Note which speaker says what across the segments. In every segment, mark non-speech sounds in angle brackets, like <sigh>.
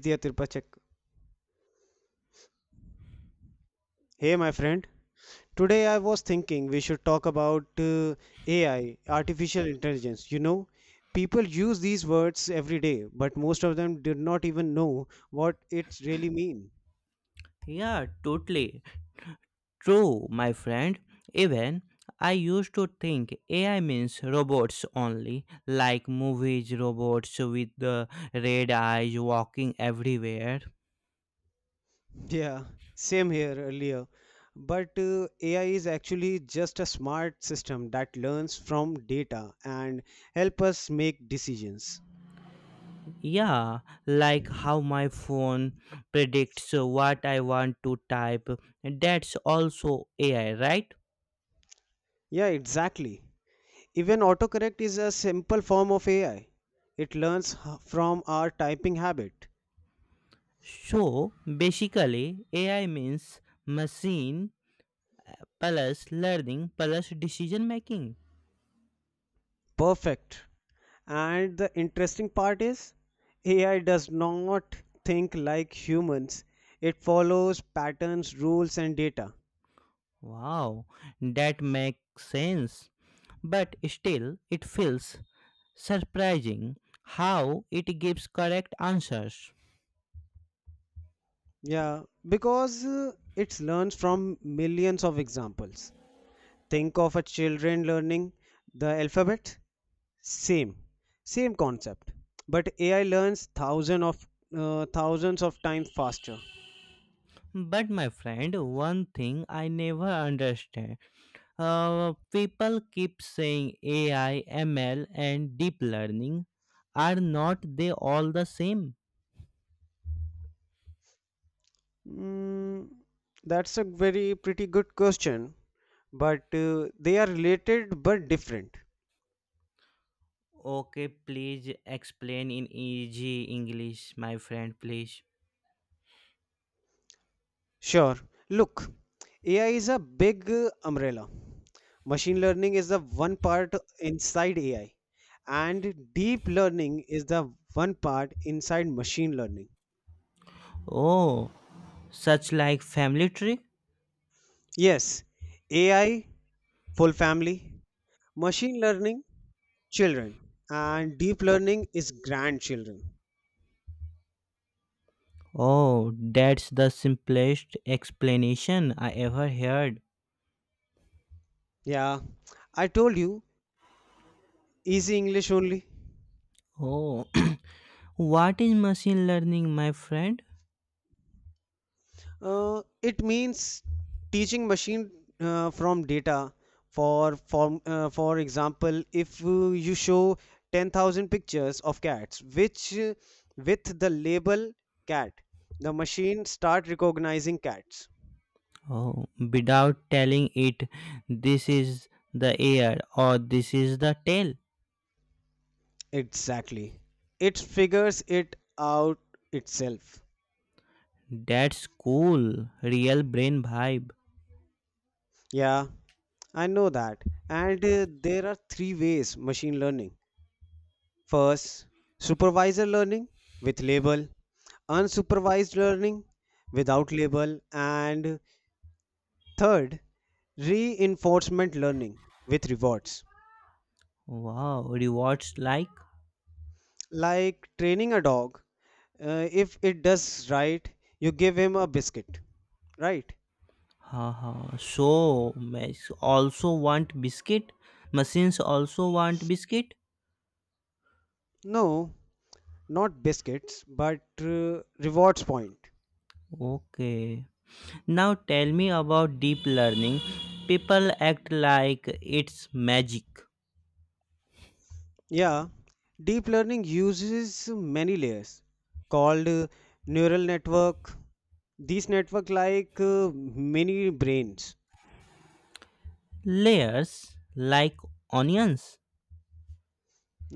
Speaker 1: Vidya Tirupachak. Hey, my friend. Today I was thinking we should talk about AI, artificial intelligence. You know, people use these words every day, but most of them did not even know what it really mean.
Speaker 2: Yeah, totally true, my friend. Even I used to think AI means robots only, like movies, robots with the red eyes walking everywhere.
Speaker 1: Yeah, same here earlier. But AI is actually just a smart system that learns from data and help us make decisions.
Speaker 2: Yeah, like how my phone predicts what I want to type. That's also AI, right?
Speaker 1: Yeah, exactly. Even autocorrect is a simple form of AI. It learns from our typing habit.
Speaker 2: So basically, AI means machine plus learning plus decision making.
Speaker 1: Perfect. And the interesting part is, AI does not think like humans. It follows patterns, rules, and data.
Speaker 2: Wow, that makes sense. But still, it feels surprising how it gives correct answers.
Speaker 1: Yeah, because it learns from millions of examples. Think of a children learning the alphabet. Same, same concept. But AI learns thousands of times faster.
Speaker 2: But my friend, one thing I never understand. People keep saying AI, ML, and deep learning. Are not they all the same?
Speaker 1: Mm, that's a very pretty good question, but they are related but different.
Speaker 2: Okay, please explain in easy English, my friend, please.
Speaker 1: Sure. Look, AI is a big umbrella. Machine learning is the one part inside AI, and deep learning is the one part inside machine learning.
Speaker 2: Oh, such like family tree?
Speaker 1: Yes, AI, full family, machine learning, children, and deep learning is grandchildren.
Speaker 2: Oh, that's the simplest explanation I ever heard.
Speaker 1: Yeah, I told you, easy English only.
Speaker 2: Oh, <clears throat> what is machine learning, my friend?
Speaker 1: It means teaching machine from data. For example, if you show 10,000 pictures of cats, which with the label cat, the machine start recognizing cats.
Speaker 2: Oh, without telling it, this is the ear or this is the tail.
Speaker 1: Exactly. It figures it out itself.
Speaker 2: That's cool. Real brain vibe.
Speaker 1: Yeah, I know that. And there are three ways machine learning. First, supervisor learning with label, unsupervised learning without label, and third, reinforcement learning with rewards.
Speaker 2: Wow, rewards like.
Speaker 1: Like training a dog, if it does right, you give him a biscuit, right?
Speaker 2: Haha. So, machines also want biscuit? Machines also want biscuit?
Speaker 1: No, not biscuits, but rewards point.
Speaker 2: Okay. Now tell me about deep learning. People act like it's magic.
Speaker 1: Yeah, deep learning uses many layers called neural network. These network like mini brains.
Speaker 2: Layers like onions.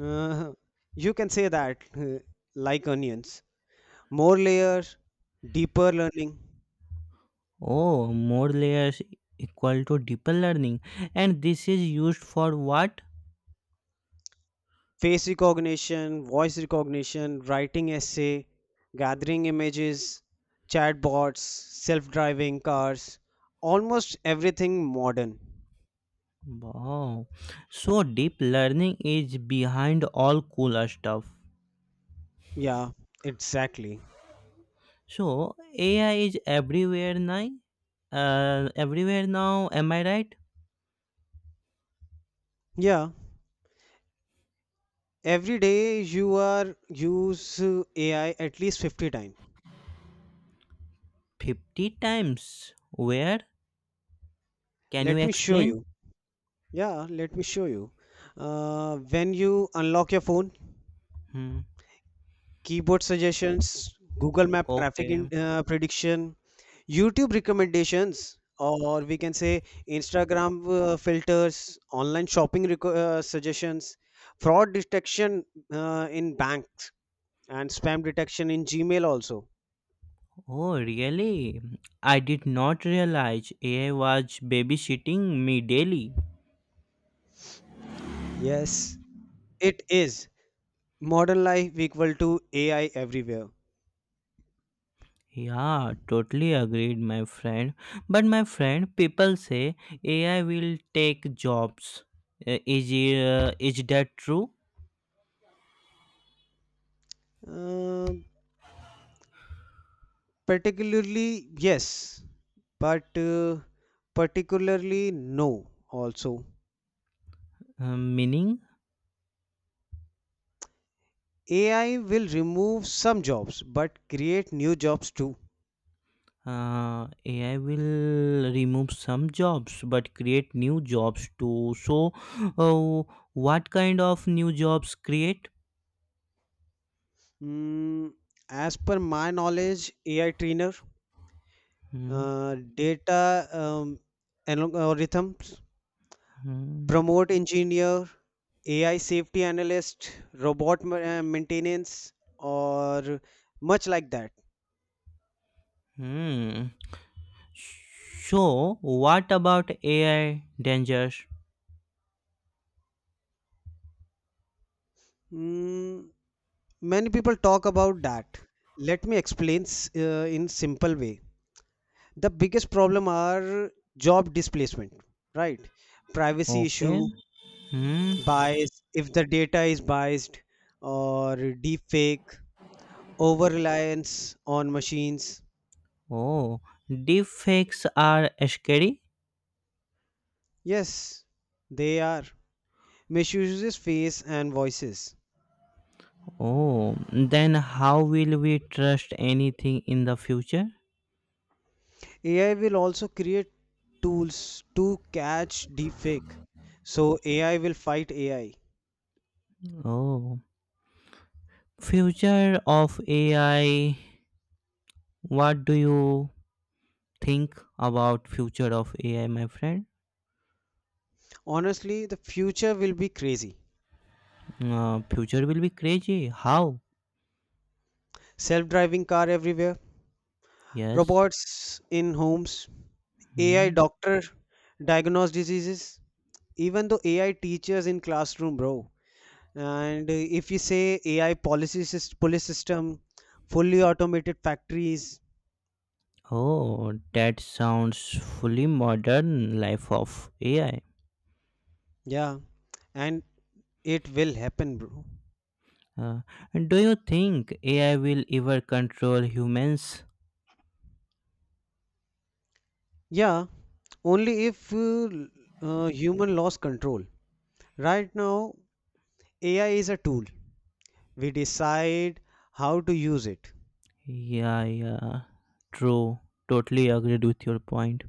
Speaker 1: Uh, you can say that like onions. More layers, deeper learning,
Speaker 2: Oh, more layers equal to deeper learning. And this is used for what?
Speaker 1: face recognition, voice recognition, writing essay, gathering images, chatbots, self-driving cars, almost everything modern.
Speaker 2: Wow. So deep learning is behind all cool stuff.
Speaker 1: Yeah, exactly.
Speaker 2: So AI is everywhere now. Everywhere now. Am I right?
Speaker 1: Yeah. Every day you are use AI at least 50 times.
Speaker 2: 50 times. Where? Can you
Speaker 1: Let me show
Speaker 2: explain?
Speaker 1: you. Yeah, let me show you. When you unlock your phone,
Speaker 2: Hmm.
Speaker 1: keyboard suggestions, Google Map traffic
Speaker 2: Okay.
Speaker 1: prediction, YouTube recommendations, or we can say Instagram filters, online shopping suggestions, fraud detection in banks, and spam detection in Gmail also.
Speaker 2: Oh, really? I did not realize AI was babysitting me daily.
Speaker 1: Yes, it is. Modern life equal to AI everywhere?
Speaker 2: Yeah, totally agreed, my friend. But my friend, people say AI will take jobs. Is that true?
Speaker 1: Uh, Particularly, yes, but particularly, no, also.
Speaker 2: Meaning,
Speaker 1: AI will remove some jobs but create new jobs too.
Speaker 2: AI will remove some jobs but create new jobs too. So, uh, what kind of new jobs create?
Speaker 1: Mm, as per my knowledge, AI trainer,
Speaker 2: Hmm.
Speaker 1: data algorithms,
Speaker 2: Hmm.
Speaker 1: promote engineer, AI safety analyst, robot maintenance, or much like that.
Speaker 2: Hmm. So, what about AI dangers?
Speaker 1: Mm, many people talk about that. Let me explain in simple way. The biggest problem are job displacement, right? Privacy
Speaker 2: Okay.
Speaker 1: issue,
Speaker 2: Hmm.
Speaker 1: bias, if the data is biased or deep fake, over reliance on machines.
Speaker 2: Oh, deepfakes are scary.
Speaker 1: Yes, they are. Misuses face and voices.
Speaker 2: Oh, then how will we trust anything in the future?
Speaker 1: AI will also create tools to catch deepfake. So AI will fight AI.
Speaker 2: Oh, future of AI. What do you think about future of AI, my friend?
Speaker 1: Honestly, the future will be crazy.
Speaker 2: Future will be crazy. How?
Speaker 1: Self-driving car everywhere,
Speaker 2: Yes.
Speaker 1: robots in homes, AI
Speaker 2: Hmm.
Speaker 1: doctor diagnose diseases, even though AI teachers in classroom, bro. And if you say AI police system, fully automated factories,
Speaker 2: Oh, that sounds fully modern life of AI.
Speaker 1: yeah, and it will happen, bro.
Speaker 2: Uh, and do you think AI will ever control humans?
Speaker 1: Yeah, only if human lost control. Right now, AI is a tool. We decide how to use it.
Speaker 2: Yeah, yeah, true. Totally agreed with your point.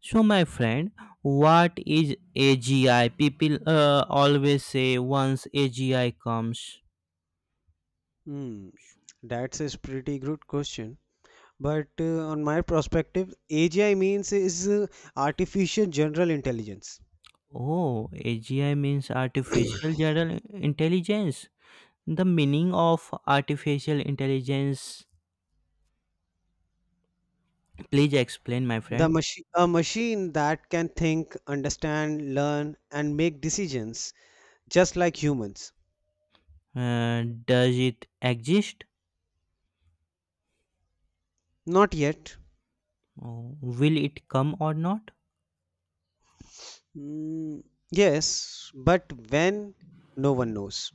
Speaker 2: So, my friend, what is AGI? People always say once AGI comes.
Speaker 1: Hmm, that's a pretty good question. But on my perspective, AGI means is artificial general intelligence.
Speaker 2: Oh, AGI means artificial general intelligence. The meaning of artificial intelligence, please explain, my
Speaker 1: The
Speaker 2: friend.
Speaker 1: machine, a machine that can think, understand, learn, and make decisions just like humans.
Speaker 2: Does it exist?
Speaker 1: Not yet.
Speaker 2: Oh, will it come or not?
Speaker 1: Mm, yes, but when? No one knows.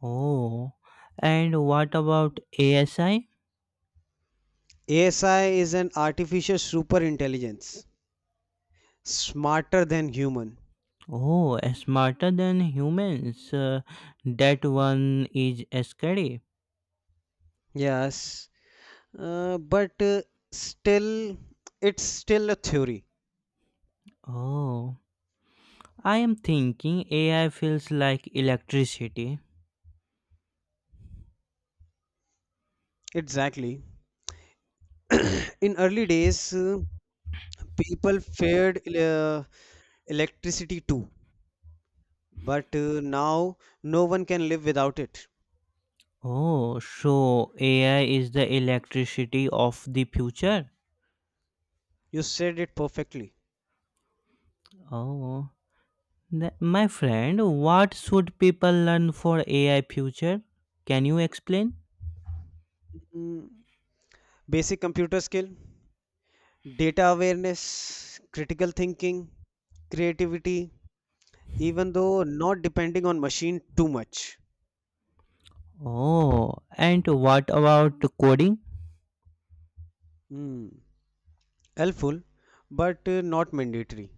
Speaker 2: Oh, and what about ASI?
Speaker 1: ASI is an artificial super intelligence, smarter than human.
Speaker 2: Oh, smarter than humans. That one is scary.
Speaker 1: Yes, but still, it's still a theory.
Speaker 2: Oh, I am thinking AI feels like electricity.
Speaker 1: Exactly. In early days, people feared electricity too, but now no one can live without it.
Speaker 2: Oh, so AI is the electricity of the future.
Speaker 1: You said it perfectly.
Speaker 2: Oh, my friend, what should people learn for AI future? Can you explain?
Speaker 1: Mm, basic computer skill, data awareness, critical thinking, creativity, even though not depending on machine too much.
Speaker 2: Oh, and what about coding?
Speaker 1: Mm, helpful, but not mandatory.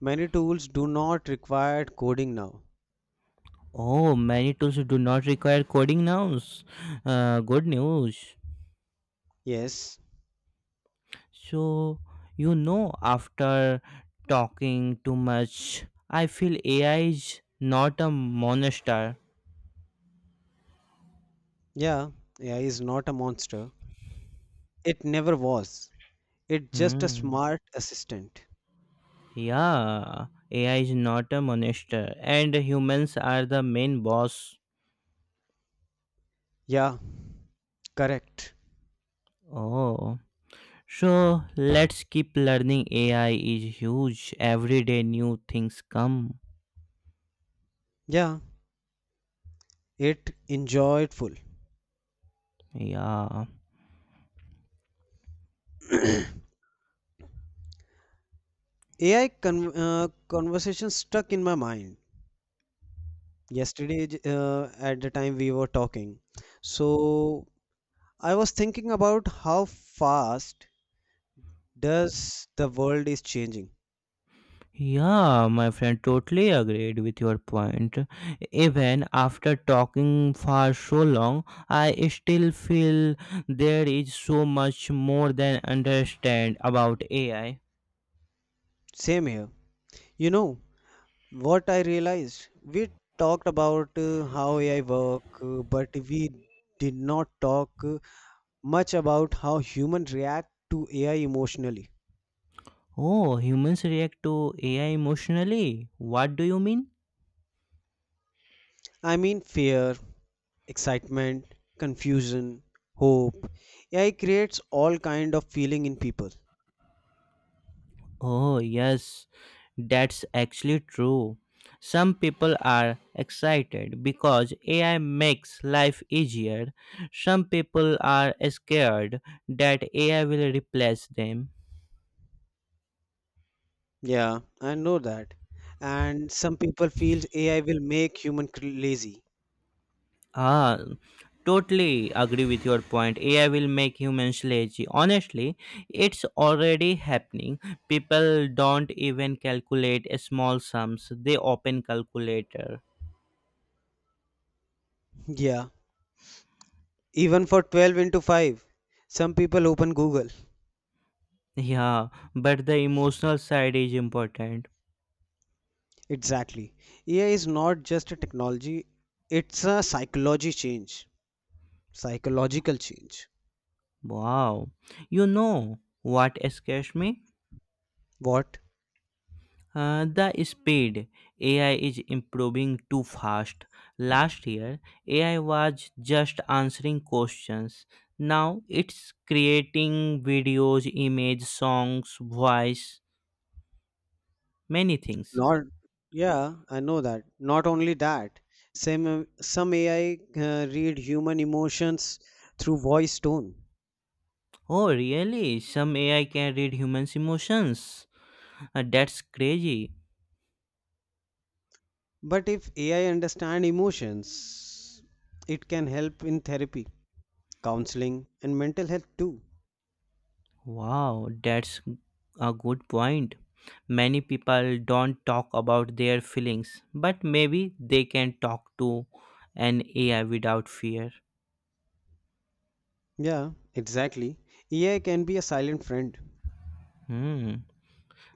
Speaker 1: Many tools do not require coding now.
Speaker 2: Oh, many tools do not require coding nouns. Good news.
Speaker 1: Yes,
Speaker 2: So, after talking too much, I feel AI is not a monster.
Speaker 1: yeah, AI is not a monster. It never was. It's just a
Speaker 2: Hmm.
Speaker 1: smart assistant.
Speaker 2: Yeah, AI is not a monster, and humans are the main boss.
Speaker 1: Yeah, correct.
Speaker 2: Oh. So let's keep learning. AI is huge. Every day new things come.
Speaker 1: Yeah, it enjoyed full.
Speaker 2: Yeah.
Speaker 1: Conversation stuck in my mind. Yesterday, at the time we were talking, so I was thinking about how fast does the world is changing.
Speaker 2: Yeah, my friend totally agreed with your point. Even after talking for so long, I still feel there is so much more than understand about AI.
Speaker 1: Same here. You know, what I realized, we talked about how AI work, but we did not talk much about how humans react to AI emotionally.
Speaker 2: Oh, humans react to AI emotionally. What do you mean?
Speaker 1: I mean, fear, excitement, confusion, hope. AI creates all kind of feeling in people.
Speaker 2: Oh, yes, that's actually true. Some people are excited because AI makes life easier. Some people are scared that AI will replace them.
Speaker 1: Yeah, I know that. And some people feel AI will make lazy.
Speaker 2: Ah, totally agree with your point. AI will make humans lazy. Honestly, it's already happening. People don't even calculate small sums, they open calculator.
Speaker 1: Yeah, even for 12 into 5, some people open Google.
Speaker 2: Yeah, but the emotional side is important.
Speaker 1: Exactly. AI is not just a technology, it's a psychological change.
Speaker 2: Wow. You know what scares me?
Speaker 1: What?
Speaker 2: The speed AI is improving too fast. Last year, AI was just answering questions. Now it's creating videos, images, songs, voice, many things.
Speaker 1: Not, yeah, I know that. Not only that, some AI read human emotions through voice tone.
Speaker 2: Oh, really? Some AI can read humans' emotions? That's crazy.
Speaker 1: But if AI understand emotions, it can help in therapy, counseling, and mental health too.
Speaker 2: Wow, that's a good point. Many people don't talk about their feelings, but maybe they can talk to an AI without fear.
Speaker 1: Yeah, exactly. AI can be a silent friend.
Speaker 2: Hmm.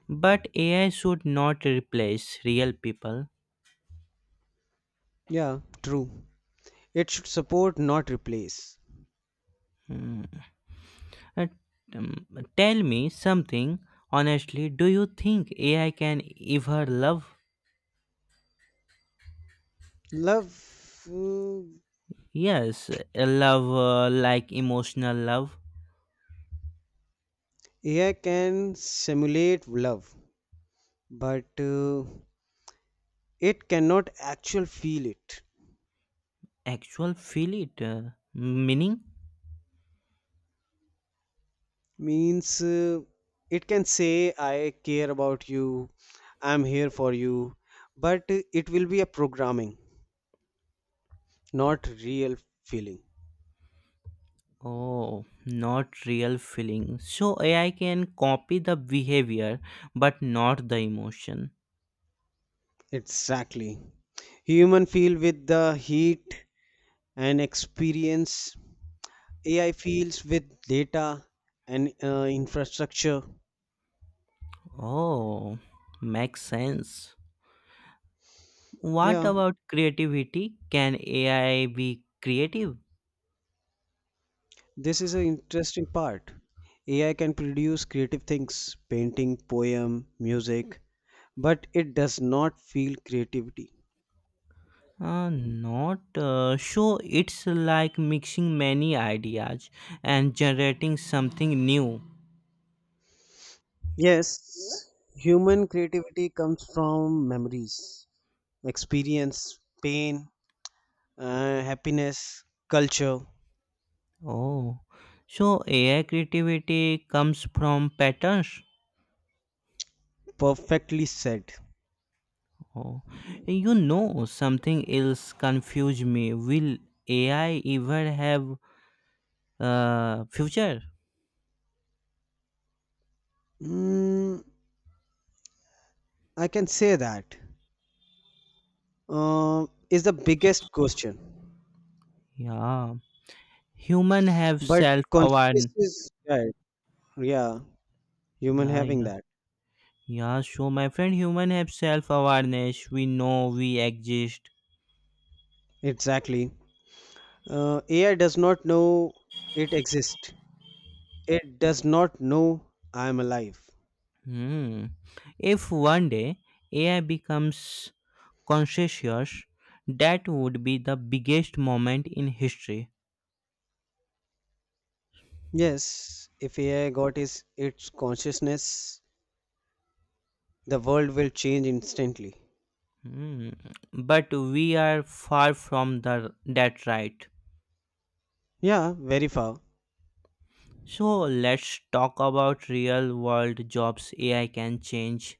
Speaker 2: But AI should not replace real people.
Speaker 1: Yeah, true. It should support, not replace.
Speaker 2: Hmm. Uh, um, Tell me something honestly. Do you think AI can ever love?
Speaker 1: Love, mm,
Speaker 2: Yes, a love like emotional love.
Speaker 1: AI can simulate love, but it cannot actually feel it.
Speaker 2: Actual feel it. Meaning?
Speaker 1: Means it can say, I care about you, I'm here for you, but it will be a programming, not real feeling.
Speaker 2: Oh, not real feeling. So AI can copy the behavior but not the emotion.
Speaker 1: Exactly. Human feel with the heat and experience, AI feels with data and infrastructure.
Speaker 2: Oh, makes sense. What
Speaker 1: Yeah.
Speaker 2: about creativity? Can AI be creative?
Speaker 1: This is an interesting part. AI can produce creative things, painting, poem, music, but it does not feel creativity.
Speaker 2: Not, so it's like mixing many ideas and generating something new.
Speaker 1: Yes, human creativity comes from memories, experience, pain, happiness, culture.
Speaker 2: Oh, so AI creativity comes from patterns.
Speaker 1: Perfectly said.
Speaker 2: Oh, something else confuse me. Will AI ever have future?
Speaker 1: Mm, I can say that is the biggest question,
Speaker 2: Yeah, human have
Speaker 1: but
Speaker 2: self awareness.
Speaker 1: consequences, right? Yeah, human
Speaker 2: Yeah,
Speaker 1: having
Speaker 2: yeah,
Speaker 1: that
Speaker 2: yeah. So my friend, human have self awareness. We know we exist.
Speaker 1: exactly. AI does not know it exists. It does not know I am alive.
Speaker 2: Hmm. If one day AI becomes conscious, that would be the biggest moment in history.
Speaker 1: Yes, if AI got is its consciousness, the world will change instantly.
Speaker 2: Hmm. But we are far from the that right.
Speaker 1: Yeah, very far.
Speaker 2: So let's talk about real world jobs AI can change.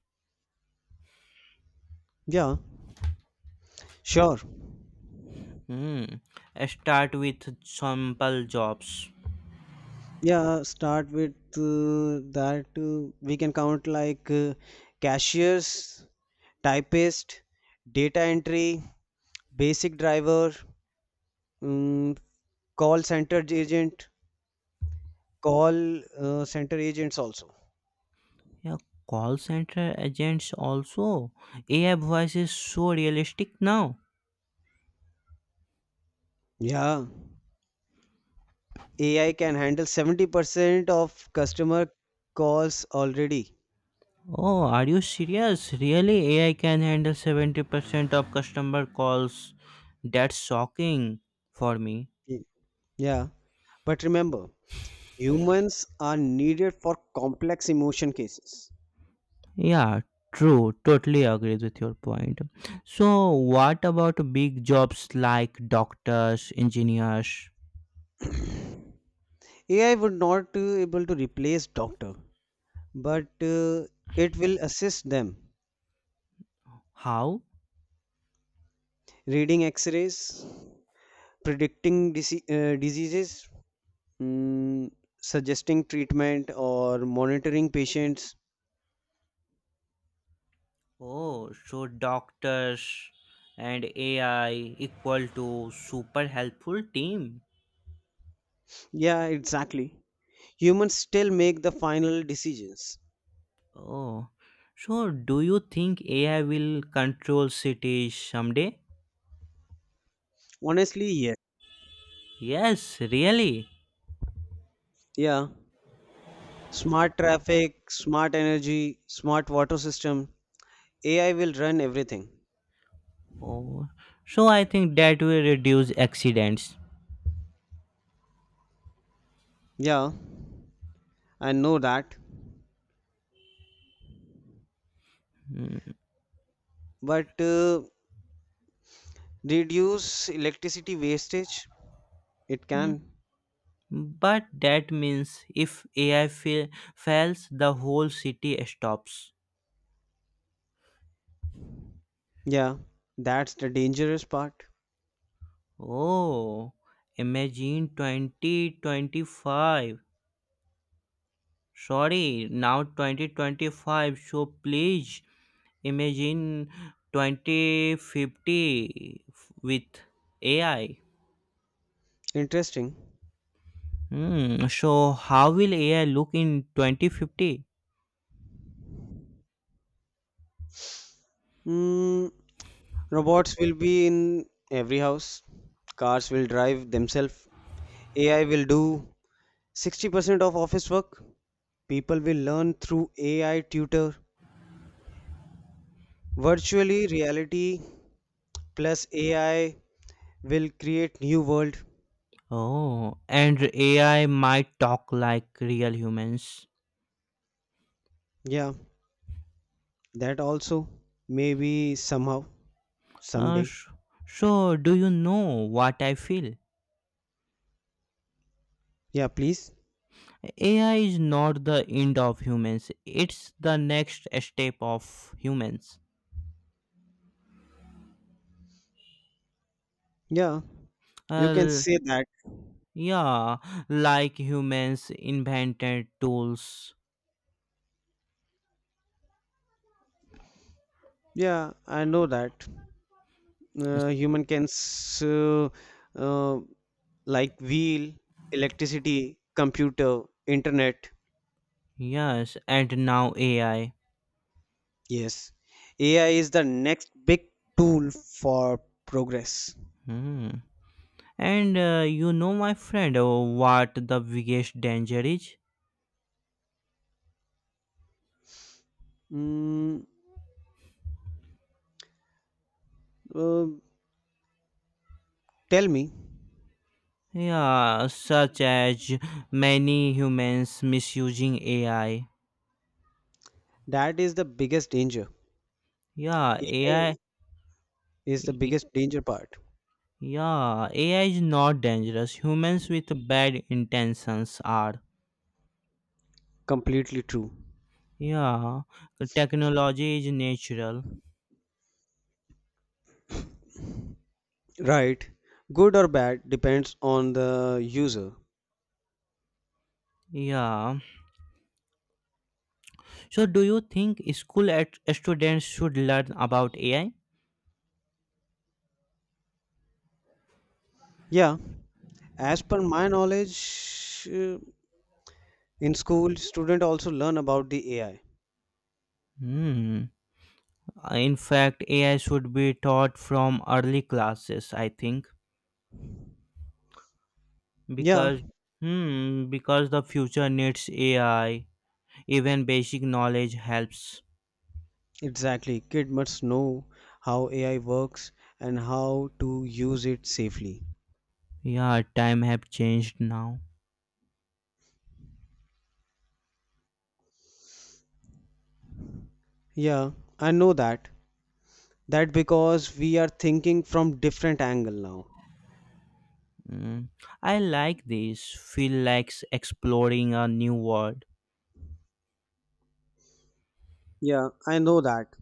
Speaker 1: Yeah, sure.
Speaker 2: Hmm. Start with simple jobs.
Speaker 1: Yeah, start with that. We can count like cashiers, typist, data entry, basic driver, mm, call center agent, call center agents also.
Speaker 2: Yeah, call center agents also. AI voice is so realistic now.
Speaker 1: Yeah, AI can handle 70% of customer calls already.
Speaker 2: Oh, are you serious? Really? AI can handle 70% of customer calls. That's shocking for me.
Speaker 1: Y- Yeah, but remember, humans are needed for complex emotion cases.
Speaker 2: Yeah, true. Totally agrees with your point. So, what about big jobs like doctors, engineers?
Speaker 1: AI would not able to replace doctor, but it will assist them
Speaker 2: How?
Speaker 1: reading X-rays, predicting diseases, mm, suggesting treatment, or monitoring patients.
Speaker 2: Oh, so doctors and AI equal to super helpful team.
Speaker 1: Yeah, exactly. Humans still make the final decisions.
Speaker 2: Oh, so do you think AI will control cities someday?
Speaker 1: Honestly, yes.
Speaker 2: Yes, really.
Speaker 1: Yeah. Smart traffic, smart energy, smart water system. AI will run everything.
Speaker 2: Oh, so I think that will reduce accidents.
Speaker 1: Yeah, I know that.
Speaker 2: Hmm.
Speaker 1: But reduce electricity wastage? It
Speaker 2: hmm.
Speaker 1: can.
Speaker 2: But that means if AI fails, the whole city stops.
Speaker 1: Yeah, that's the dangerous part.
Speaker 2: Oh, imagine 2025. Sorry, now 2025. So please imagine 2050 with AI.
Speaker 1: Interesting.
Speaker 2: Hmm, so how will AI look in 2050?
Speaker 1: Mm, robots will be in every house. Cars will drive themselves. AI will do 60% of office work. People will learn through AI tutor. Virtually reality plus AI will create new world.
Speaker 2: Oh, and AI might talk like real humans.
Speaker 1: Yeah, that also maybe somehow
Speaker 2: Uh,
Speaker 1: someday.
Speaker 2: sh- so, do you know what I feel?
Speaker 1: Yeah, please.
Speaker 2: AI is not the end of humans, it's the next step of humans.
Speaker 1: Yeah, you can
Speaker 2: Uh,
Speaker 1: say that.
Speaker 2: yeah, like humans invented tools.
Speaker 1: Yeah, I know that.
Speaker 2: Yes,
Speaker 1: Uh, human can s- uh, uh, like wheel, electricity, computer, internet.
Speaker 2: yes, and now AI.
Speaker 1: Yes, AI is the next big tool for progress.
Speaker 2: Hmm. And my friend, what the biggest danger is?
Speaker 1: Mm, uh, tell me,
Speaker 2: Yeah, such as many humans misusing AI.
Speaker 1: that is the biggest danger.
Speaker 2: Yeah, AI.
Speaker 1: AI is the biggest danger part.
Speaker 2: Yeah, AI is not dangerous. Humans with bad intentions are.
Speaker 1: Completely true.
Speaker 2: Yeah, technology is natural.
Speaker 1: Right. Good or bad depends on the user.
Speaker 2: Yeah. So, do you think school students should learn about AI?
Speaker 1: Yeah. As per my knowledge, uh, in school, student also learn about the AI.
Speaker 2: Hmm. In fact, AI should be taught from early classes. I think
Speaker 1: Yeah,
Speaker 2: because because the future needs AI. Even basic knowledge helps.
Speaker 1: exactly. Kid must know how AI works and how to use it safely.
Speaker 2: Yeah, time have changed now.
Speaker 1: Yeah, I know that. That because we are thinking from different angle now.
Speaker 2: Mm, I like this. Feel like exploring a new world.
Speaker 1: Yeah, I know that.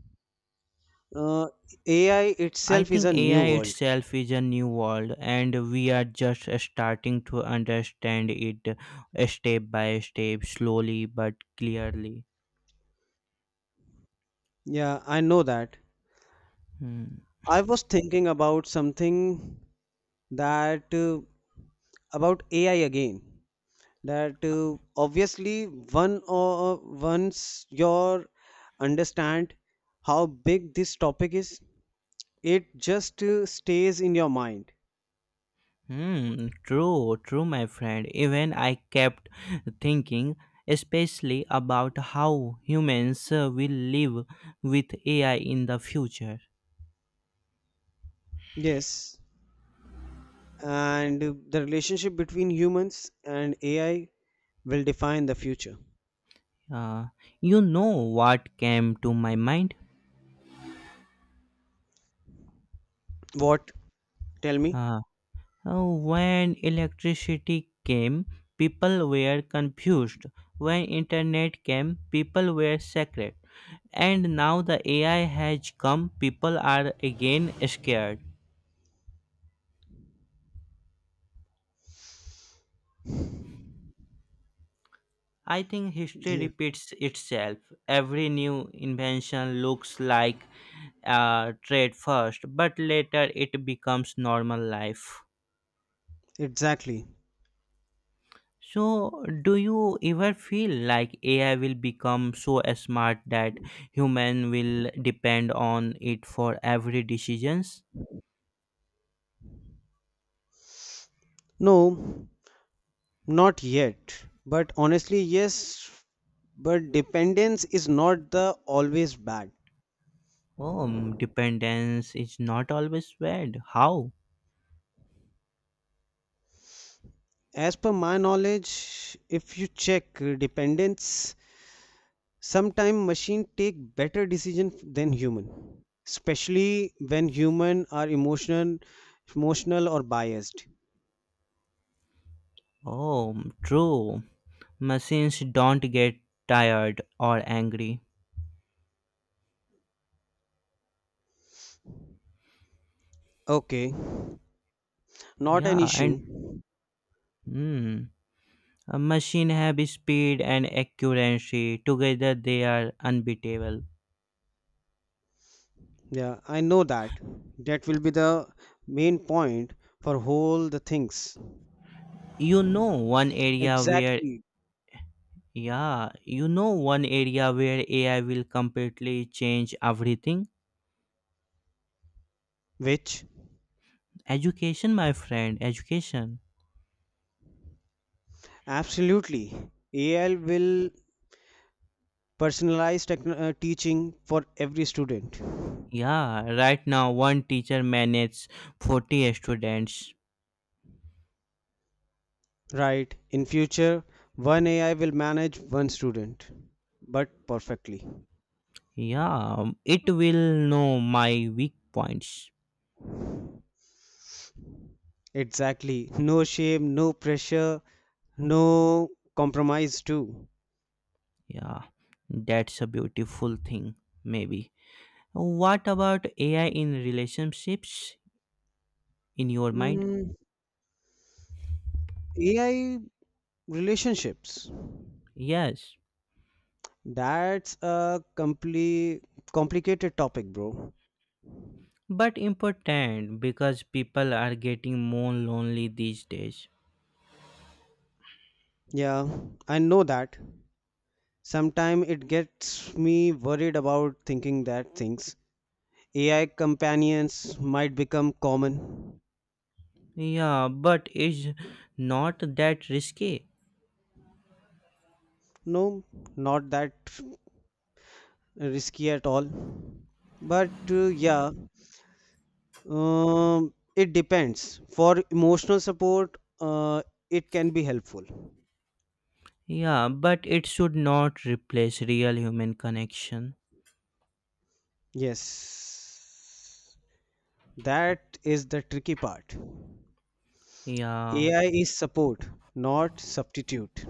Speaker 1: Uh, AI
Speaker 2: I
Speaker 1: itself is
Speaker 2: think
Speaker 1: a new
Speaker 2: AI
Speaker 1: world.
Speaker 2: itself is a new world, and we are just starting to understand it step by step, slowly but clearly.
Speaker 1: Yeah, I know that.
Speaker 2: Hmm.
Speaker 1: I was thinking about something that about AI again. That Obviously one or once you understand how big this topic is, it just stays in your mind.
Speaker 2: Hmm. True, true, my friend. Even I kept thinking, especially about how humans will live with AI in the future.
Speaker 1: Yes, and the relationship between humans and AI will define the future.
Speaker 2: Uh, you know what came to my mind?
Speaker 1: What? Tell me.
Speaker 2: Uh, Oh, when electricity came, people were confused. When internet came, people were scared. And now the AI has come, people are again scared. I think history
Speaker 1: Yeah.
Speaker 2: repeats itself. Every new invention looks like a trade first, but later it becomes normal life.
Speaker 1: Exactly.
Speaker 2: So, do you ever feel like AI will become so smart that human will depend on it for every decisions?
Speaker 1: No, not yet. But honestly, yes, but dependence is not the always bad.
Speaker 2: Oh, mm, dependence is not always bad. How?
Speaker 1: As per my knowledge, if you check dependence, sometime machine take better decision than human, especially when human are emotional, or biased.
Speaker 2: Oh, mm, true. Machines don't get tired or angry.
Speaker 1: Okay. Not an
Speaker 2: Yeah, and
Speaker 1: issue,
Speaker 2: hmm, a machine have speed and accuracy. Together, they are unbeatable.
Speaker 1: yeah, I know that. That will be the main point for whole the things.
Speaker 2: You know, one area where
Speaker 1: Exactly.
Speaker 2: Yeah, you know one area where AI will completely change everything?
Speaker 1: Which?
Speaker 2: Education, my friend, education.
Speaker 1: Absolutely, AI will personalize teaching for every student.
Speaker 2: Yeah, right now one teacher manages 40 students.
Speaker 1: Right, in future one AI will manage one student, but perfectly.
Speaker 2: Yeah, it will know my weak points.
Speaker 1: Exactly, no shame, no pressure, no compromise too.
Speaker 2: Yeah, that's a beautiful thing, maybe. What about AI in relationships in your mind?
Speaker 1: Mm, AI relationships.
Speaker 2: Yes,
Speaker 1: That's a complicated topic, bro.
Speaker 2: but important because people are getting more lonely these days.
Speaker 1: Yeah, I know that. Sometimes it gets me worried about thinking that things AI companions might become common.
Speaker 2: Yeah, but is not that risky.
Speaker 1: No, not that risky at all. But yeah, it depends. For emotional support, it can be helpful.
Speaker 2: Yeah, but it should not replace real human connection.
Speaker 1: Yes, that is the tricky part.
Speaker 2: Yeah,
Speaker 1: AI is support, not substitute.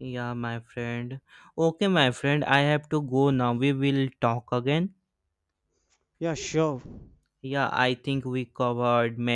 Speaker 2: yeah, my friend. Okay, my friend, I have to go now. We will talk again.
Speaker 1: Yeah, sure.
Speaker 2: Yeah, I think we covered many